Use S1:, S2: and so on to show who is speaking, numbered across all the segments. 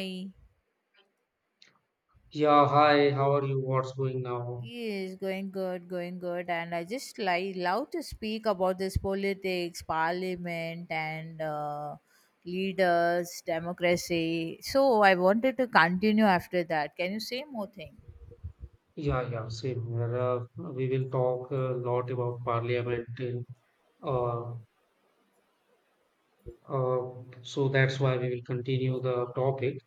S1: Hi.
S2: Yeah, hi, how are you? What's going now?
S1: Yes, going good, going good. And I just like love to speak about this politics, parliament, and leaders, democracy. So I wanted to continue after that. Can you say more things?
S2: Yeah, yeah, same here. We will talk a lot about parliament uh, uh, so that's why we will continue the topic.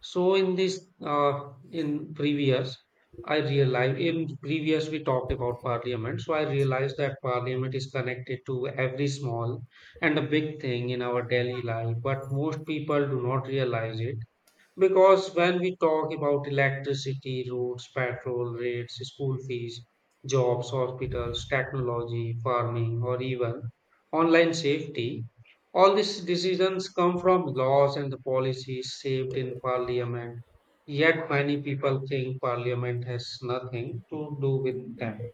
S2: So in this, in previous, I realized in previous we talked about parliament. So I realized that parliament is connected to every small and a big thing in our daily life, but most people do not realize it. Because when we talk about electricity, roads, petrol rates, school fees, jobs, hospitals, technology, farming, or even online safety, all these decisions come from laws and the policies shaped in parliament. Yet many people think parliament has nothing to do with them.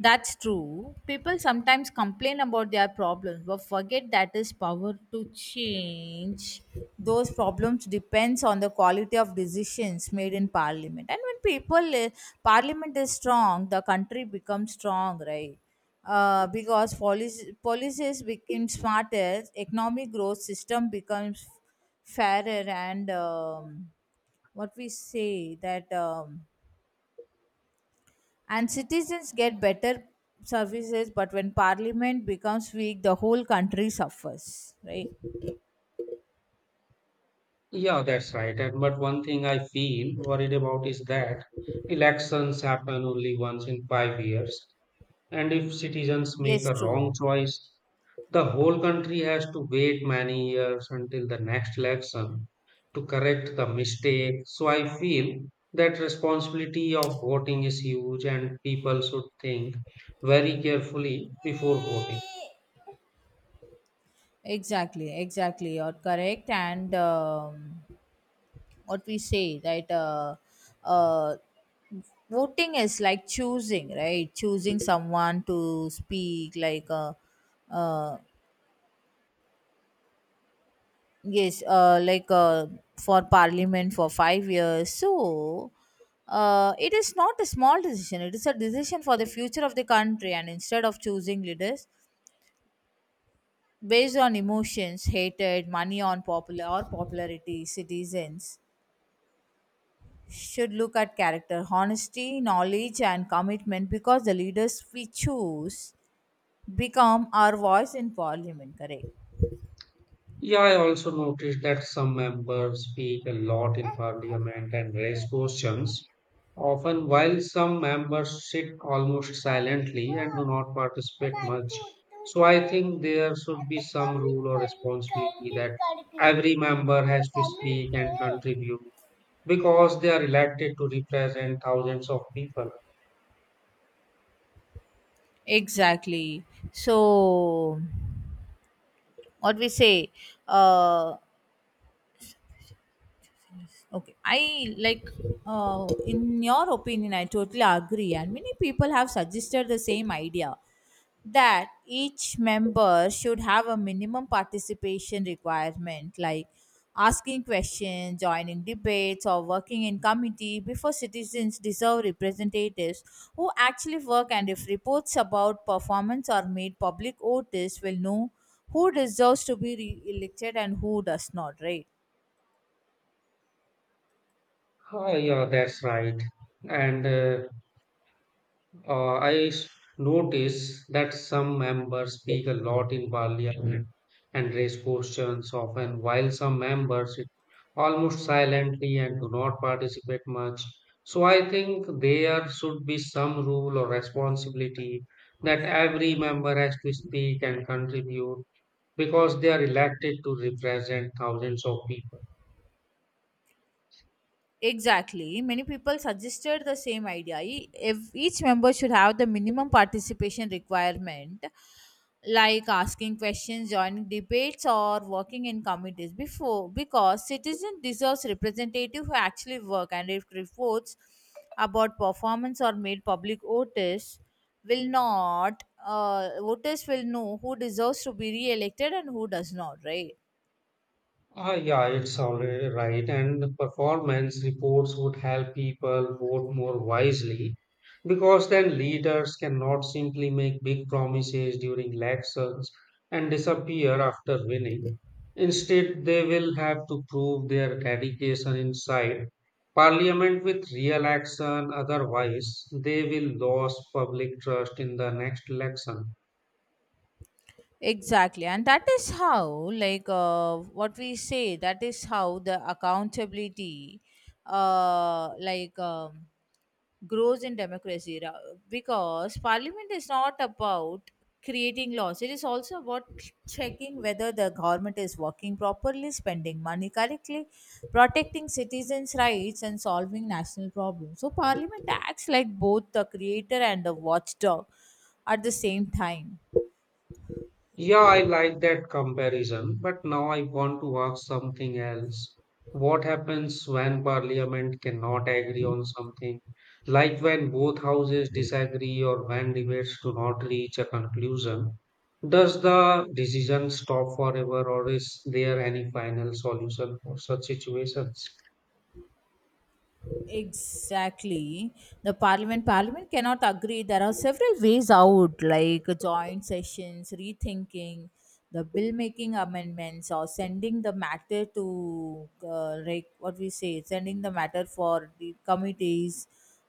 S1: That's true. People sometimes complain about their problems but forget that is power to change. Those problems depends on the quality of decisions made in parliament. And when people parliament is strong, the country becomes strong, right? Because policies become smarter, economic growth system becomes fairer and what we say that and citizens get better services, but when parliament becomes weak, the whole country suffers, right?
S2: Yeah, that's right. And but one thing I feel worried about is that elections happen only once in 5 years. And if citizens make
S1: Yes,
S2: a
S1: true.
S2: wrong choice, the whole country has to wait many years until the next election to correct the mistake. So I feel that responsibility of voting is huge and people should think very carefully before voting.
S1: Exactly, exactly, you're correct. And what we say, right? Uh, Voting is like choosing, right? Choosing someone to speak like uh, yes, for parliament for 5 years. So, it is not a small decision. It is a decision for the future of the country. And instead of choosing leaders based on emotions, hatred, money on popular or popularity, citizens should look at character, honesty, knowledge, and commitment, because the leaders we choose become our voice in parliament. Correct.
S2: Yeah, I also noticed that some members speak a lot in parliament and raise questions often, while some members sit almost silently and do not participate much. So I think there should be some rule or responsibility that every member has to speak and contribute because they are elected to represent 1000s of people.
S1: Exactly. So, what we say, uh, okay, I like, in your opinion, I totally agree. And many people have suggested the same idea, that each member should have a minimum participation requirement, like asking questions, joining debates, or working in committee before citizens deserve representatives who actually work. And if reports about performance are made public, voters will know who deserves to be re elected and who does not, right?
S2: Oh, yeah, that's right. And Uh, I s- notice that some members speak a lot in parliament and raise questions often, while some members sit almost silently and do not participate much. So I think there should be some rule or responsibility that every member has to speak and contribute because they are elected to represent thousands of people.
S1: Exactly. Many people suggested the same idea. If each member should have the minimum participation requirement, like asking questions, joining debates, or working in committees before, because citizen deserves representative who actually work, and if reports about performance are made public, voters will not. Voters will know who deserves to be re-elected and who does not. Right.
S2: Ah, yeah, it's already right. And the performance reports would help people vote more wisely because then leaders cannot simply make big promises during elections and disappear after winning. Instead, they will have to prove their dedication inside parliament with real action. Otherwise, they will lose public trust in the next election.
S1: Exactly, and that is how, what we say, that is how the accountability, uh, like, um, grows in democracy. Because parliament is not about creating laws; it is also about checking whether the government is working properly, spending money correctly, protecting citizens' rights, and solving national problems. So, parliament acts like both the creator and the watchdog at the same time.
S2: Yeah, I like that comparison, but now I want to ask something else. What happens when parliament cannot agree on something? Like when both houses disagree or when debates do not reach a conclusion, does the decision stop forever or is there any final solution for such situations?
S1: Exactly. The parliament cannot agree. There are several ways out, like joint sessions, rethinking, the bill making amendments, or sending the matter to like what we say, sending the matter for the committees,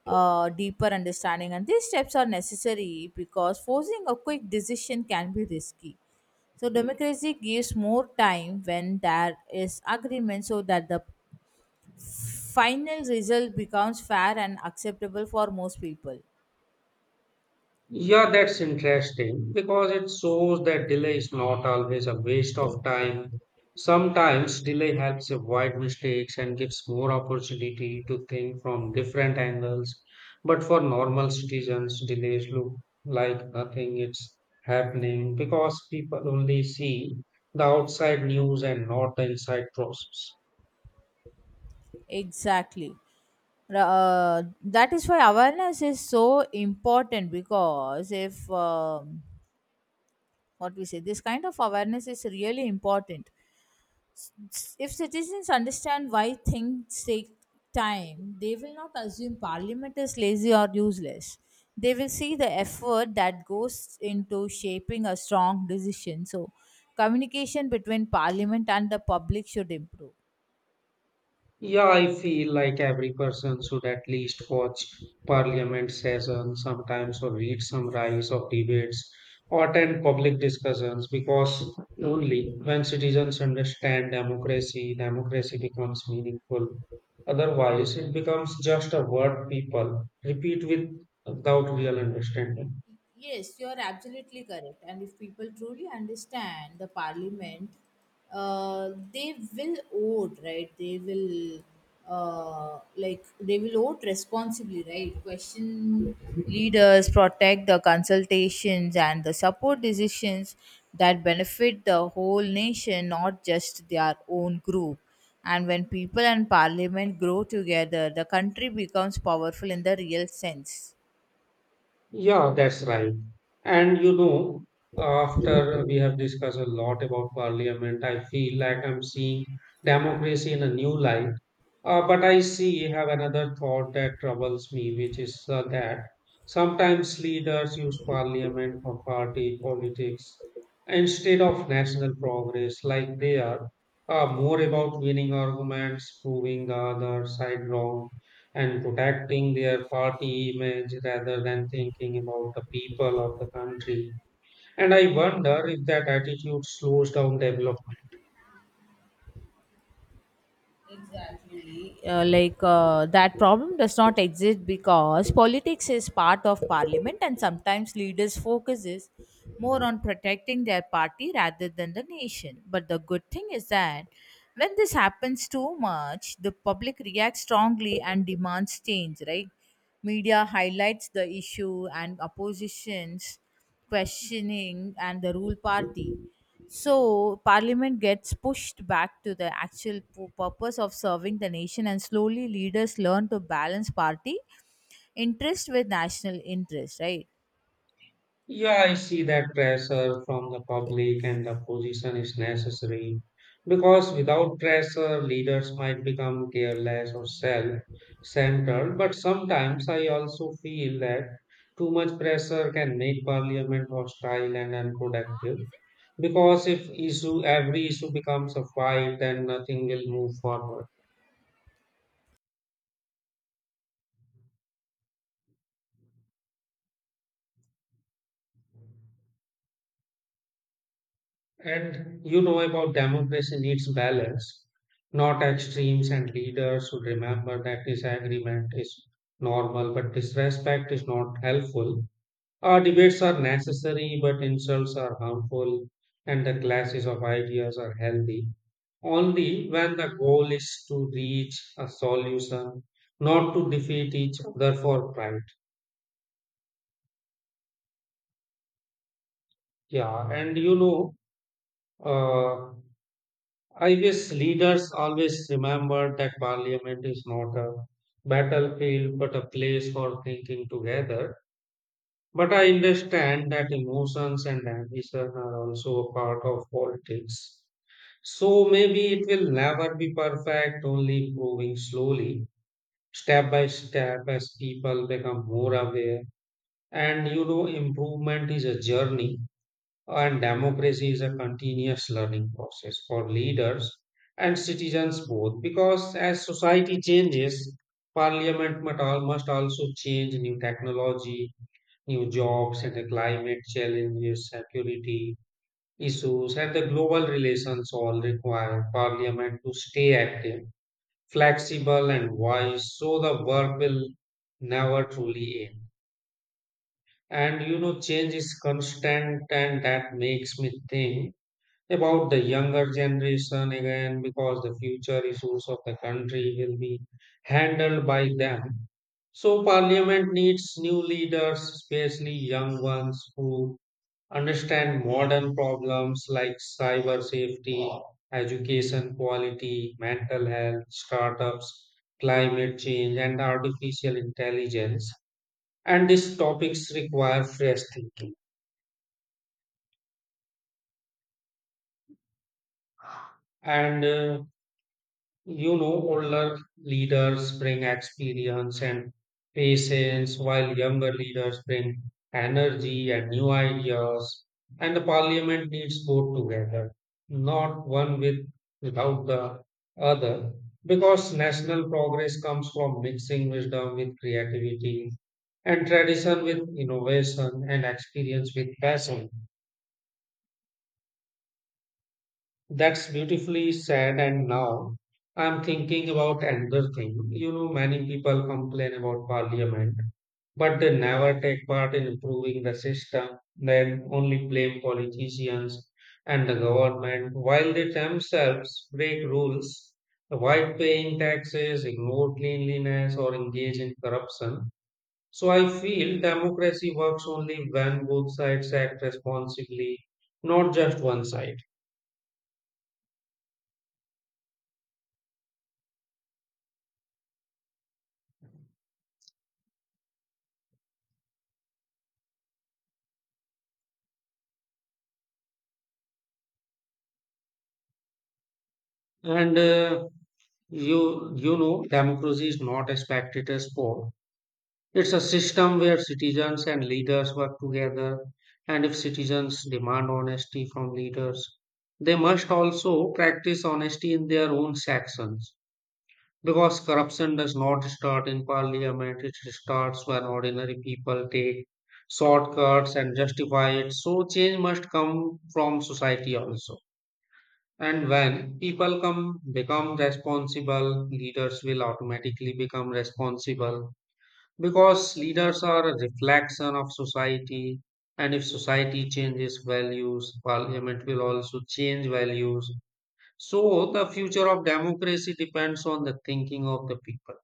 S1: deeper understanding. And these steps are necessary because forcing a quick decision can be risky. So democracy gives more time when there is agreement, so that the final result becomes fair and acceptable for most people.
S2: Yeah, that's interesting because it shows that delay is not always a waste of time. Sometimes delay helps avoid mistakes and gives more opportunity to think from different angles. But for normal citizens, delays look like nothing is happening because people only see the outside news and not the inside process.
S1: Exactly. uh, that is why awareness is so important, because if what we say, this kind of awareness is really important. If citizens understand why things take time, they will not assume parliament is lazy or useless. They will see the effort that goes into shaping a strong decision. So, communication between parliament and the public should improve.
S2: Yeah, I feel like every person should at least watch parliament sessions sometimes or read summaries of debates or attend public discussions because only when citizens understand democracy, democracy becomes meaningful. Otherwise, it becomes just a word people repeat with without real understanding.
S1: Yes, you are absolutely correct. And if people truly understand the parliament, they will vote, right? They will, they will vote responsibly, right? Question leaders, protect the consultations, and the support decisions that benefit the whole nation, not just their own group. And when people and parliament grow together, the country becomes powerful in the real sense.
S2: Yeah, that's right. And you know, after we have discussed a lot about parliament, I feel like I'm seeing democracy in a new light. But I see have another thought that troubles me, which is that sometimes leaders use parliament for party politics instead of national progress, like they are more about winning arguments, proving the other side wrong, and protecting their party image rather than thinking about the people of the country. And I wonder if that attitude slows down development.
S1: Exactly. That problem does not exist because politics is part of parliament and sometimes leaders focuses more on protecting their party rather than the nation. But the good thing is that when this happens too much, the public reacts strongly and demands change, right? Media highlights the issue and oppositions questioning and the rule party. So parliament gets pushed back to the actual purpose of serving the nation, and slowly leaders learn to balance party interest with national interest, right?
S2: Yeah, I see that pressure from the public and the position is necessary because without pressure, leaders might become careless or self centered. But sometimes I also feel that too much pressure can make parliament hostile and unproductive because if issue every issue becomes a fight, then nothing will move forward. And you know about democracy needs balance, not extremes, and leaders should remember that disagreement is normal, but disrespect is not helpful. Our debates are necessary, but insults are harmful, and the clashes of ideas are healthy only when the goal is to reach a solution, not to defeat each other for pride. Yeah, and you know, uh, I wish leaders always remember that parliament is not a battlefield but a place for thinking together. But I understand that emotions and ambition are also a part of politics. So maybe it will never be perfect, only improving slowly, step by step, as people become more aware. And you know, improvement is a journey and democracy is a continuous learning process for leaders and citizens both, because as society changes, parliament must also change, new technology, new jobs, and the climate challenges, security issues, and the global relations all require parliament to stay active, flexible, and wise, so the work will never truly end. And you know, change is constant, and that makes me think about the younger generation again because the future issues of the country will be handled by them. So, parliament needs new leaders, especially young ones who understand modern problems like cyber safety, education quality, mental health, startups, climate change, and artificial intelligence. And these topics require fresh thinking. And You know, older leaders bring experience and patience, while younger leaders bring energy and new ideas. And the parliament needs both together, not one with without the other, because national progress comes from mixing wisdom with creativity and tradition with innovation and experience with passion. That's beautifully said. And now I'm thinking about another thing. You know, many people complain about parliament, but they never take part in improving the system. They only blame politicians and the government while they themselves break rules, avoid paying taxes, ignore cleanliness, or engage in corruption. So I feel democracy works only when both sides act responsibly, not just one side. And democracy is not a spectator sport. It's a system where citizens and leaders work together. And if citizens demand honesty from leaders, they must also practice honesty in their own sections. Because corruption does not start in parliament, it starts when ordinary people take shortcuts and justify it. So change must come from society also. And when people come become responsible, leaders will automatically become responsible because leaders are a reflection of society. And if society changes values, parliament will also change values. So the future of democracy depends on the thinking of the people.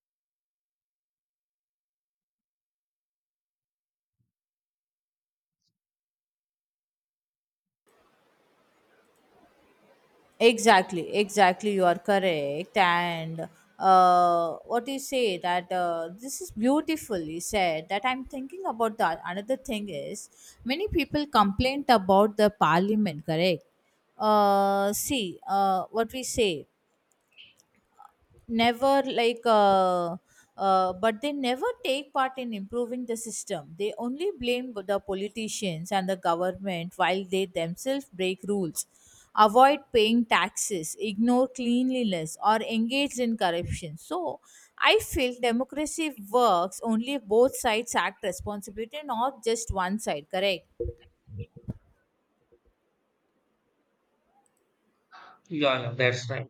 S1: Exactly, exactly. You are correct. And what you say that, this is beautifully said. That I'm thinking about that. Another thing is, many people complained about the parliament. Correct. See, what we say, never like but they never take part in improving the system. They only blame the politicians and the government, while they themselves break rules, avoid paying taxes, ignore cleanliness, or engage in corruption. So I feel democracy works only if both sides act responsibility, not just one side. Correct.
S2: Yeah, yeah, that's right.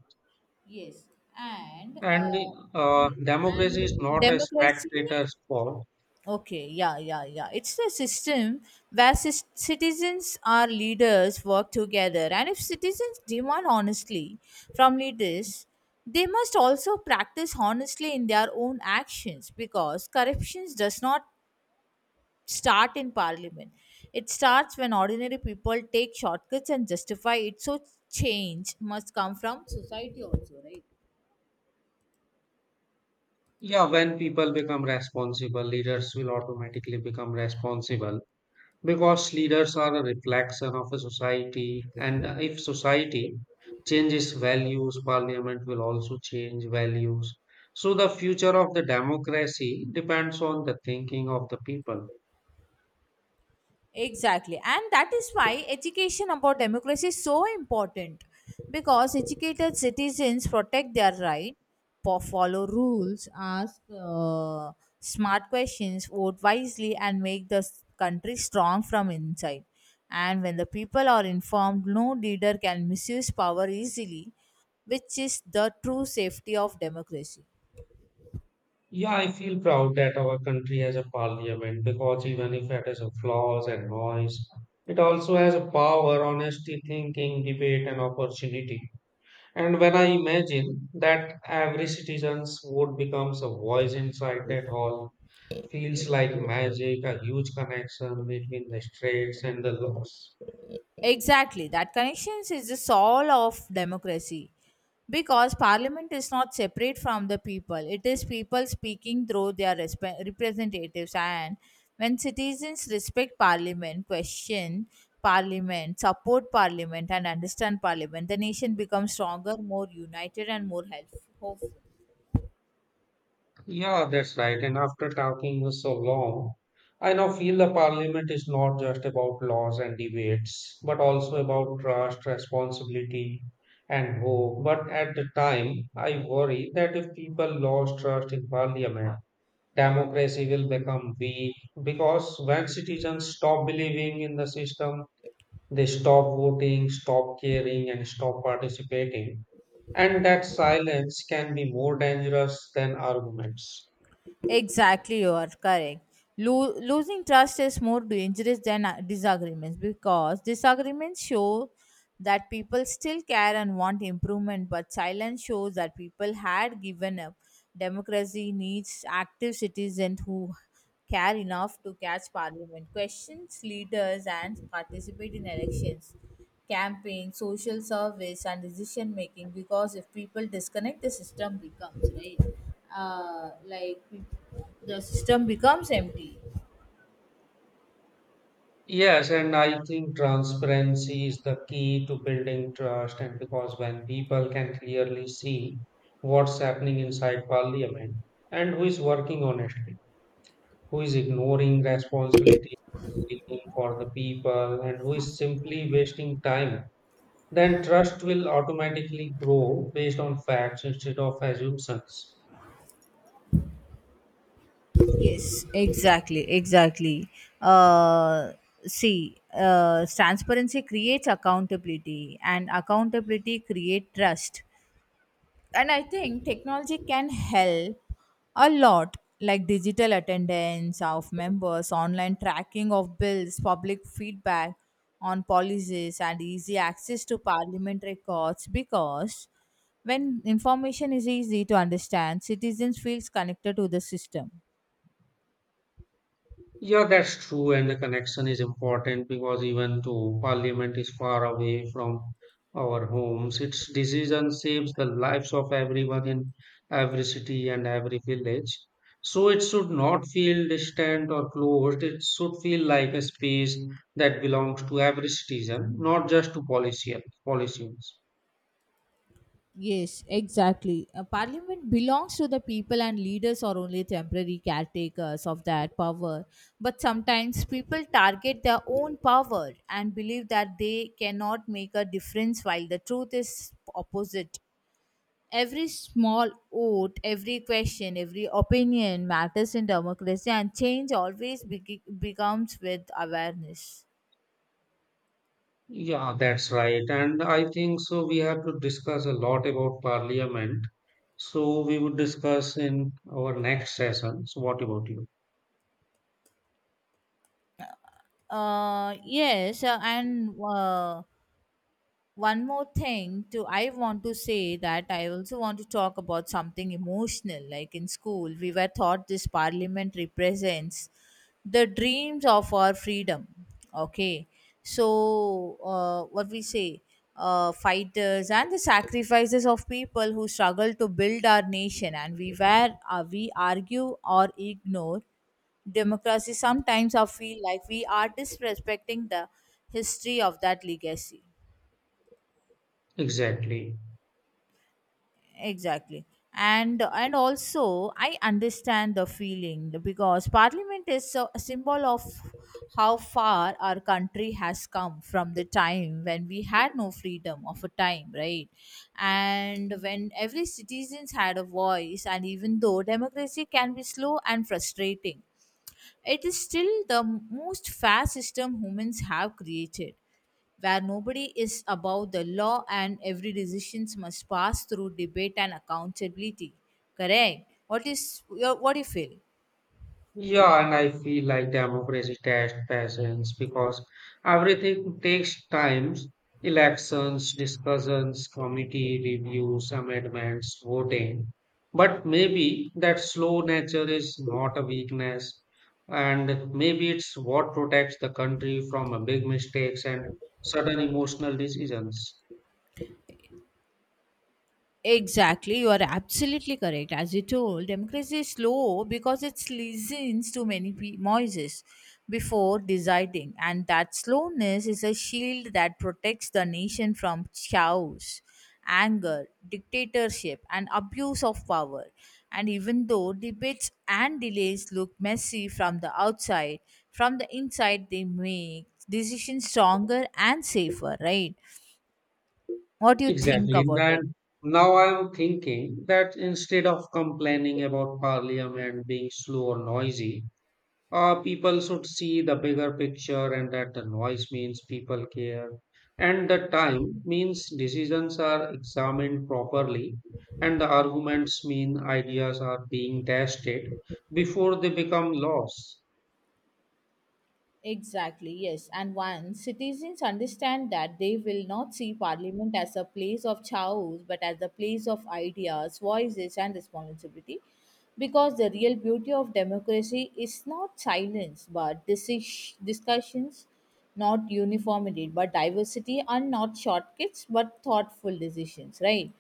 S1: Yes. And
S2: And
S1: yes,
S2: Democracy is
S1: and
S2: not a
S1: democracy,
S2: spectator sport.
S1: okay, yeah, yeah, yeah. It's a system where citizens or leaders work together. And if citizens demand honestly from leaders, they must also practice honestly in their own actions, because corruption does not start in parliament. It starts when ordinary people take shortcuts and justify it. So change must come from society also, right?
S2: Yeah, when people become responsible, leaders will automatically become responsible. Because leaders are a reflection of a society, and if society changes values, parliament will also change values. So, the future of the democracy depends on the thinking of the people.
S1: Exactly. And that is why education about democracy is so important, because educated citizens protect their right, follow rules, ask smart questions, vote wisely, and make the country strong from inside. And when the people are informed, no leader can misuse power easily, which is the true safety of democracy.
S2: Yeah, I feel proud that our country has a parliament because even if it has a flaws and noise, it also has a power, honesty, thinking, debate, and opportunity. And when I imagine that every citizens vote becomes a voice inside that hall, feels like magic, a huge connection between the straights and the laws.
S1: Exactly. That connection is the soul of democracy. Because parliament is not separate from the people, it is people speaking through their representatives. And when citizens respect parliament, question parliament, support parliament, and understand parliament, the nation becomes stronger, more united, and more helpful.
S2: Yeah, that's right. And after talking so long, I now feel the parliament is not just about laws and debates, but also about trust, responsibility, and hope. But at the time, I worry that if people lose trust in parliament, democracy will become weak because when citizens stop believing in the system, they stop voting, stop caring, and stop participating. And that silence can be more dangerous than arguments.
S1: Exactly, you are correct. Losing trust is more dangerous than disagreements, because disagreements show that people still care and want improvement, but silence shows that people had given up. Democracy needs active citizens who care enough to catch parliament, questions leaders, and participate in elections, campaign, social service, and decision making. Because if people disconnect, the system becomes right. Uh, like the system becomes empty.
S2: Yes, and I think transparency is the key to building trust. And because when people can clearly see what's happening inside parliament and who is working honestly, who is ignoring responsibility, speaking for the people, and who is simply wasting time, then trust will automatically grow based on facts instead of assumptions.
S1: Yes, exactly, exactly. Uh, See, transparency creates accountability, and accountability create trust. And I think technology can help a lot, like digital attendance of members, online tracking of bills, public feedback on policies, and easy access to parliament records. Because when information is easy to understand, citizens feels connected to the system.
S2: Yeah, that's true, and the connection is important because even though parliament is far away from our homes, its decision saves the lives of everyone in every city and every village. So it should not feel distant or closed. It should feel like a space that belongs to every citizen, not just to policy, politicians.
S1: Yes, exactly. A parliament belongs to the people, and leaders are only temporary caretakers of that power. But sometimes people target their own power and believe that they cannot make a difference, while the truth is opposite. Every small vote, every question, every opinion matters in democracy, and change always becomes with awareness.
S2: Yeah, that's right. And I think so. We have to discuss a lot about parliament. So we would discuss in our next session. So, what about you?
S1: Yes, and one more thing too. I want to say that I also want to talk about something emotional, like in school we were taught this parliament represents the dreams of our freedom. Okay, so what we say, fighters and the sacrifices of people who struggle to build our nation, and we were, we argue or ignore democracy, sometimes I feel like we are disrespecting the history of that legacy.
S2: Exactly.
S1: Exactly. And also I understand the feeling, because parliament is a symbol of how far our country has come from the time when we had no freedom of a time, right? And when every citizens had a voice, and even though democracy can be slow and frustrating, it is still the most fair system humans have created, where nobody is above the law and every decision must pass through debate and accountability. Correct? What is your, what do you feel?
S2: Yeah, and I feel like democracy tests patience because everything takes time. Elections, discussions, committee reviews, amendments, voting. But maybe that slow nature is not a weakness, and maybe it's what protects the country from a big mistakes and sudden emotional decisions.
S1: Exactly, you are absolutely correct. As you told, democracy is slow because it listens to many voices before deciding, and that slowness is a shield that protects the nation from chaos, anger, dictatorship, and abuse of power. And even though debates and delays look messy from the outside, from the inside they make decisions stronger and safer. Right? What do you think
S2: Exactly.
S1: about it?
S2: And now I'm thinking that instead of complaining about parliament being slow or noisy, people should see the bigger picture and that the noise means people care and the time means decisions are examined properly and the arguments mean ideas are being tested before they become laws.
S1: Exactly, yes. And once citizens understand that, they will not see parliament as a place of chaos but as a place of ideas, voices, and responsibility, because the real beauty of democracy is not silence but discussions, not uniformity but diversity, and not shortcuts but thoughtful decisions, right?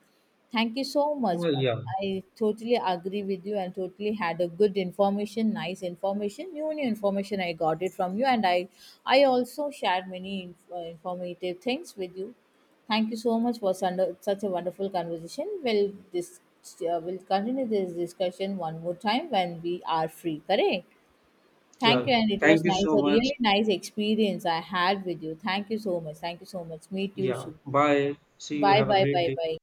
S1: Thank you so much.
S2: Oh,
S1: But
S2: yeah,
S1: I totally agree with you and totally had a good information, nice information, new information. I got it from you, and I also shared many informative things with you. Thank you so much for such a wonderful conversation. We'll this we'll continue this discussion one more time when we are free. Correct. Thank
S2: yeah.
S1: you, and it
S2: Thank
S1: was
S2: you
S1: nice,
S2: so
S1: a
S2: much.
S1: really nice experience I had with you. Thank you so much. Thank you so much. Meet you
S2: Yeah.
S1: soon.
S2: Bye. See you.
S1: Bye,
S2: Have a
S1: bye,
S2: great
S1: bye,
S2: day.
S1: bye.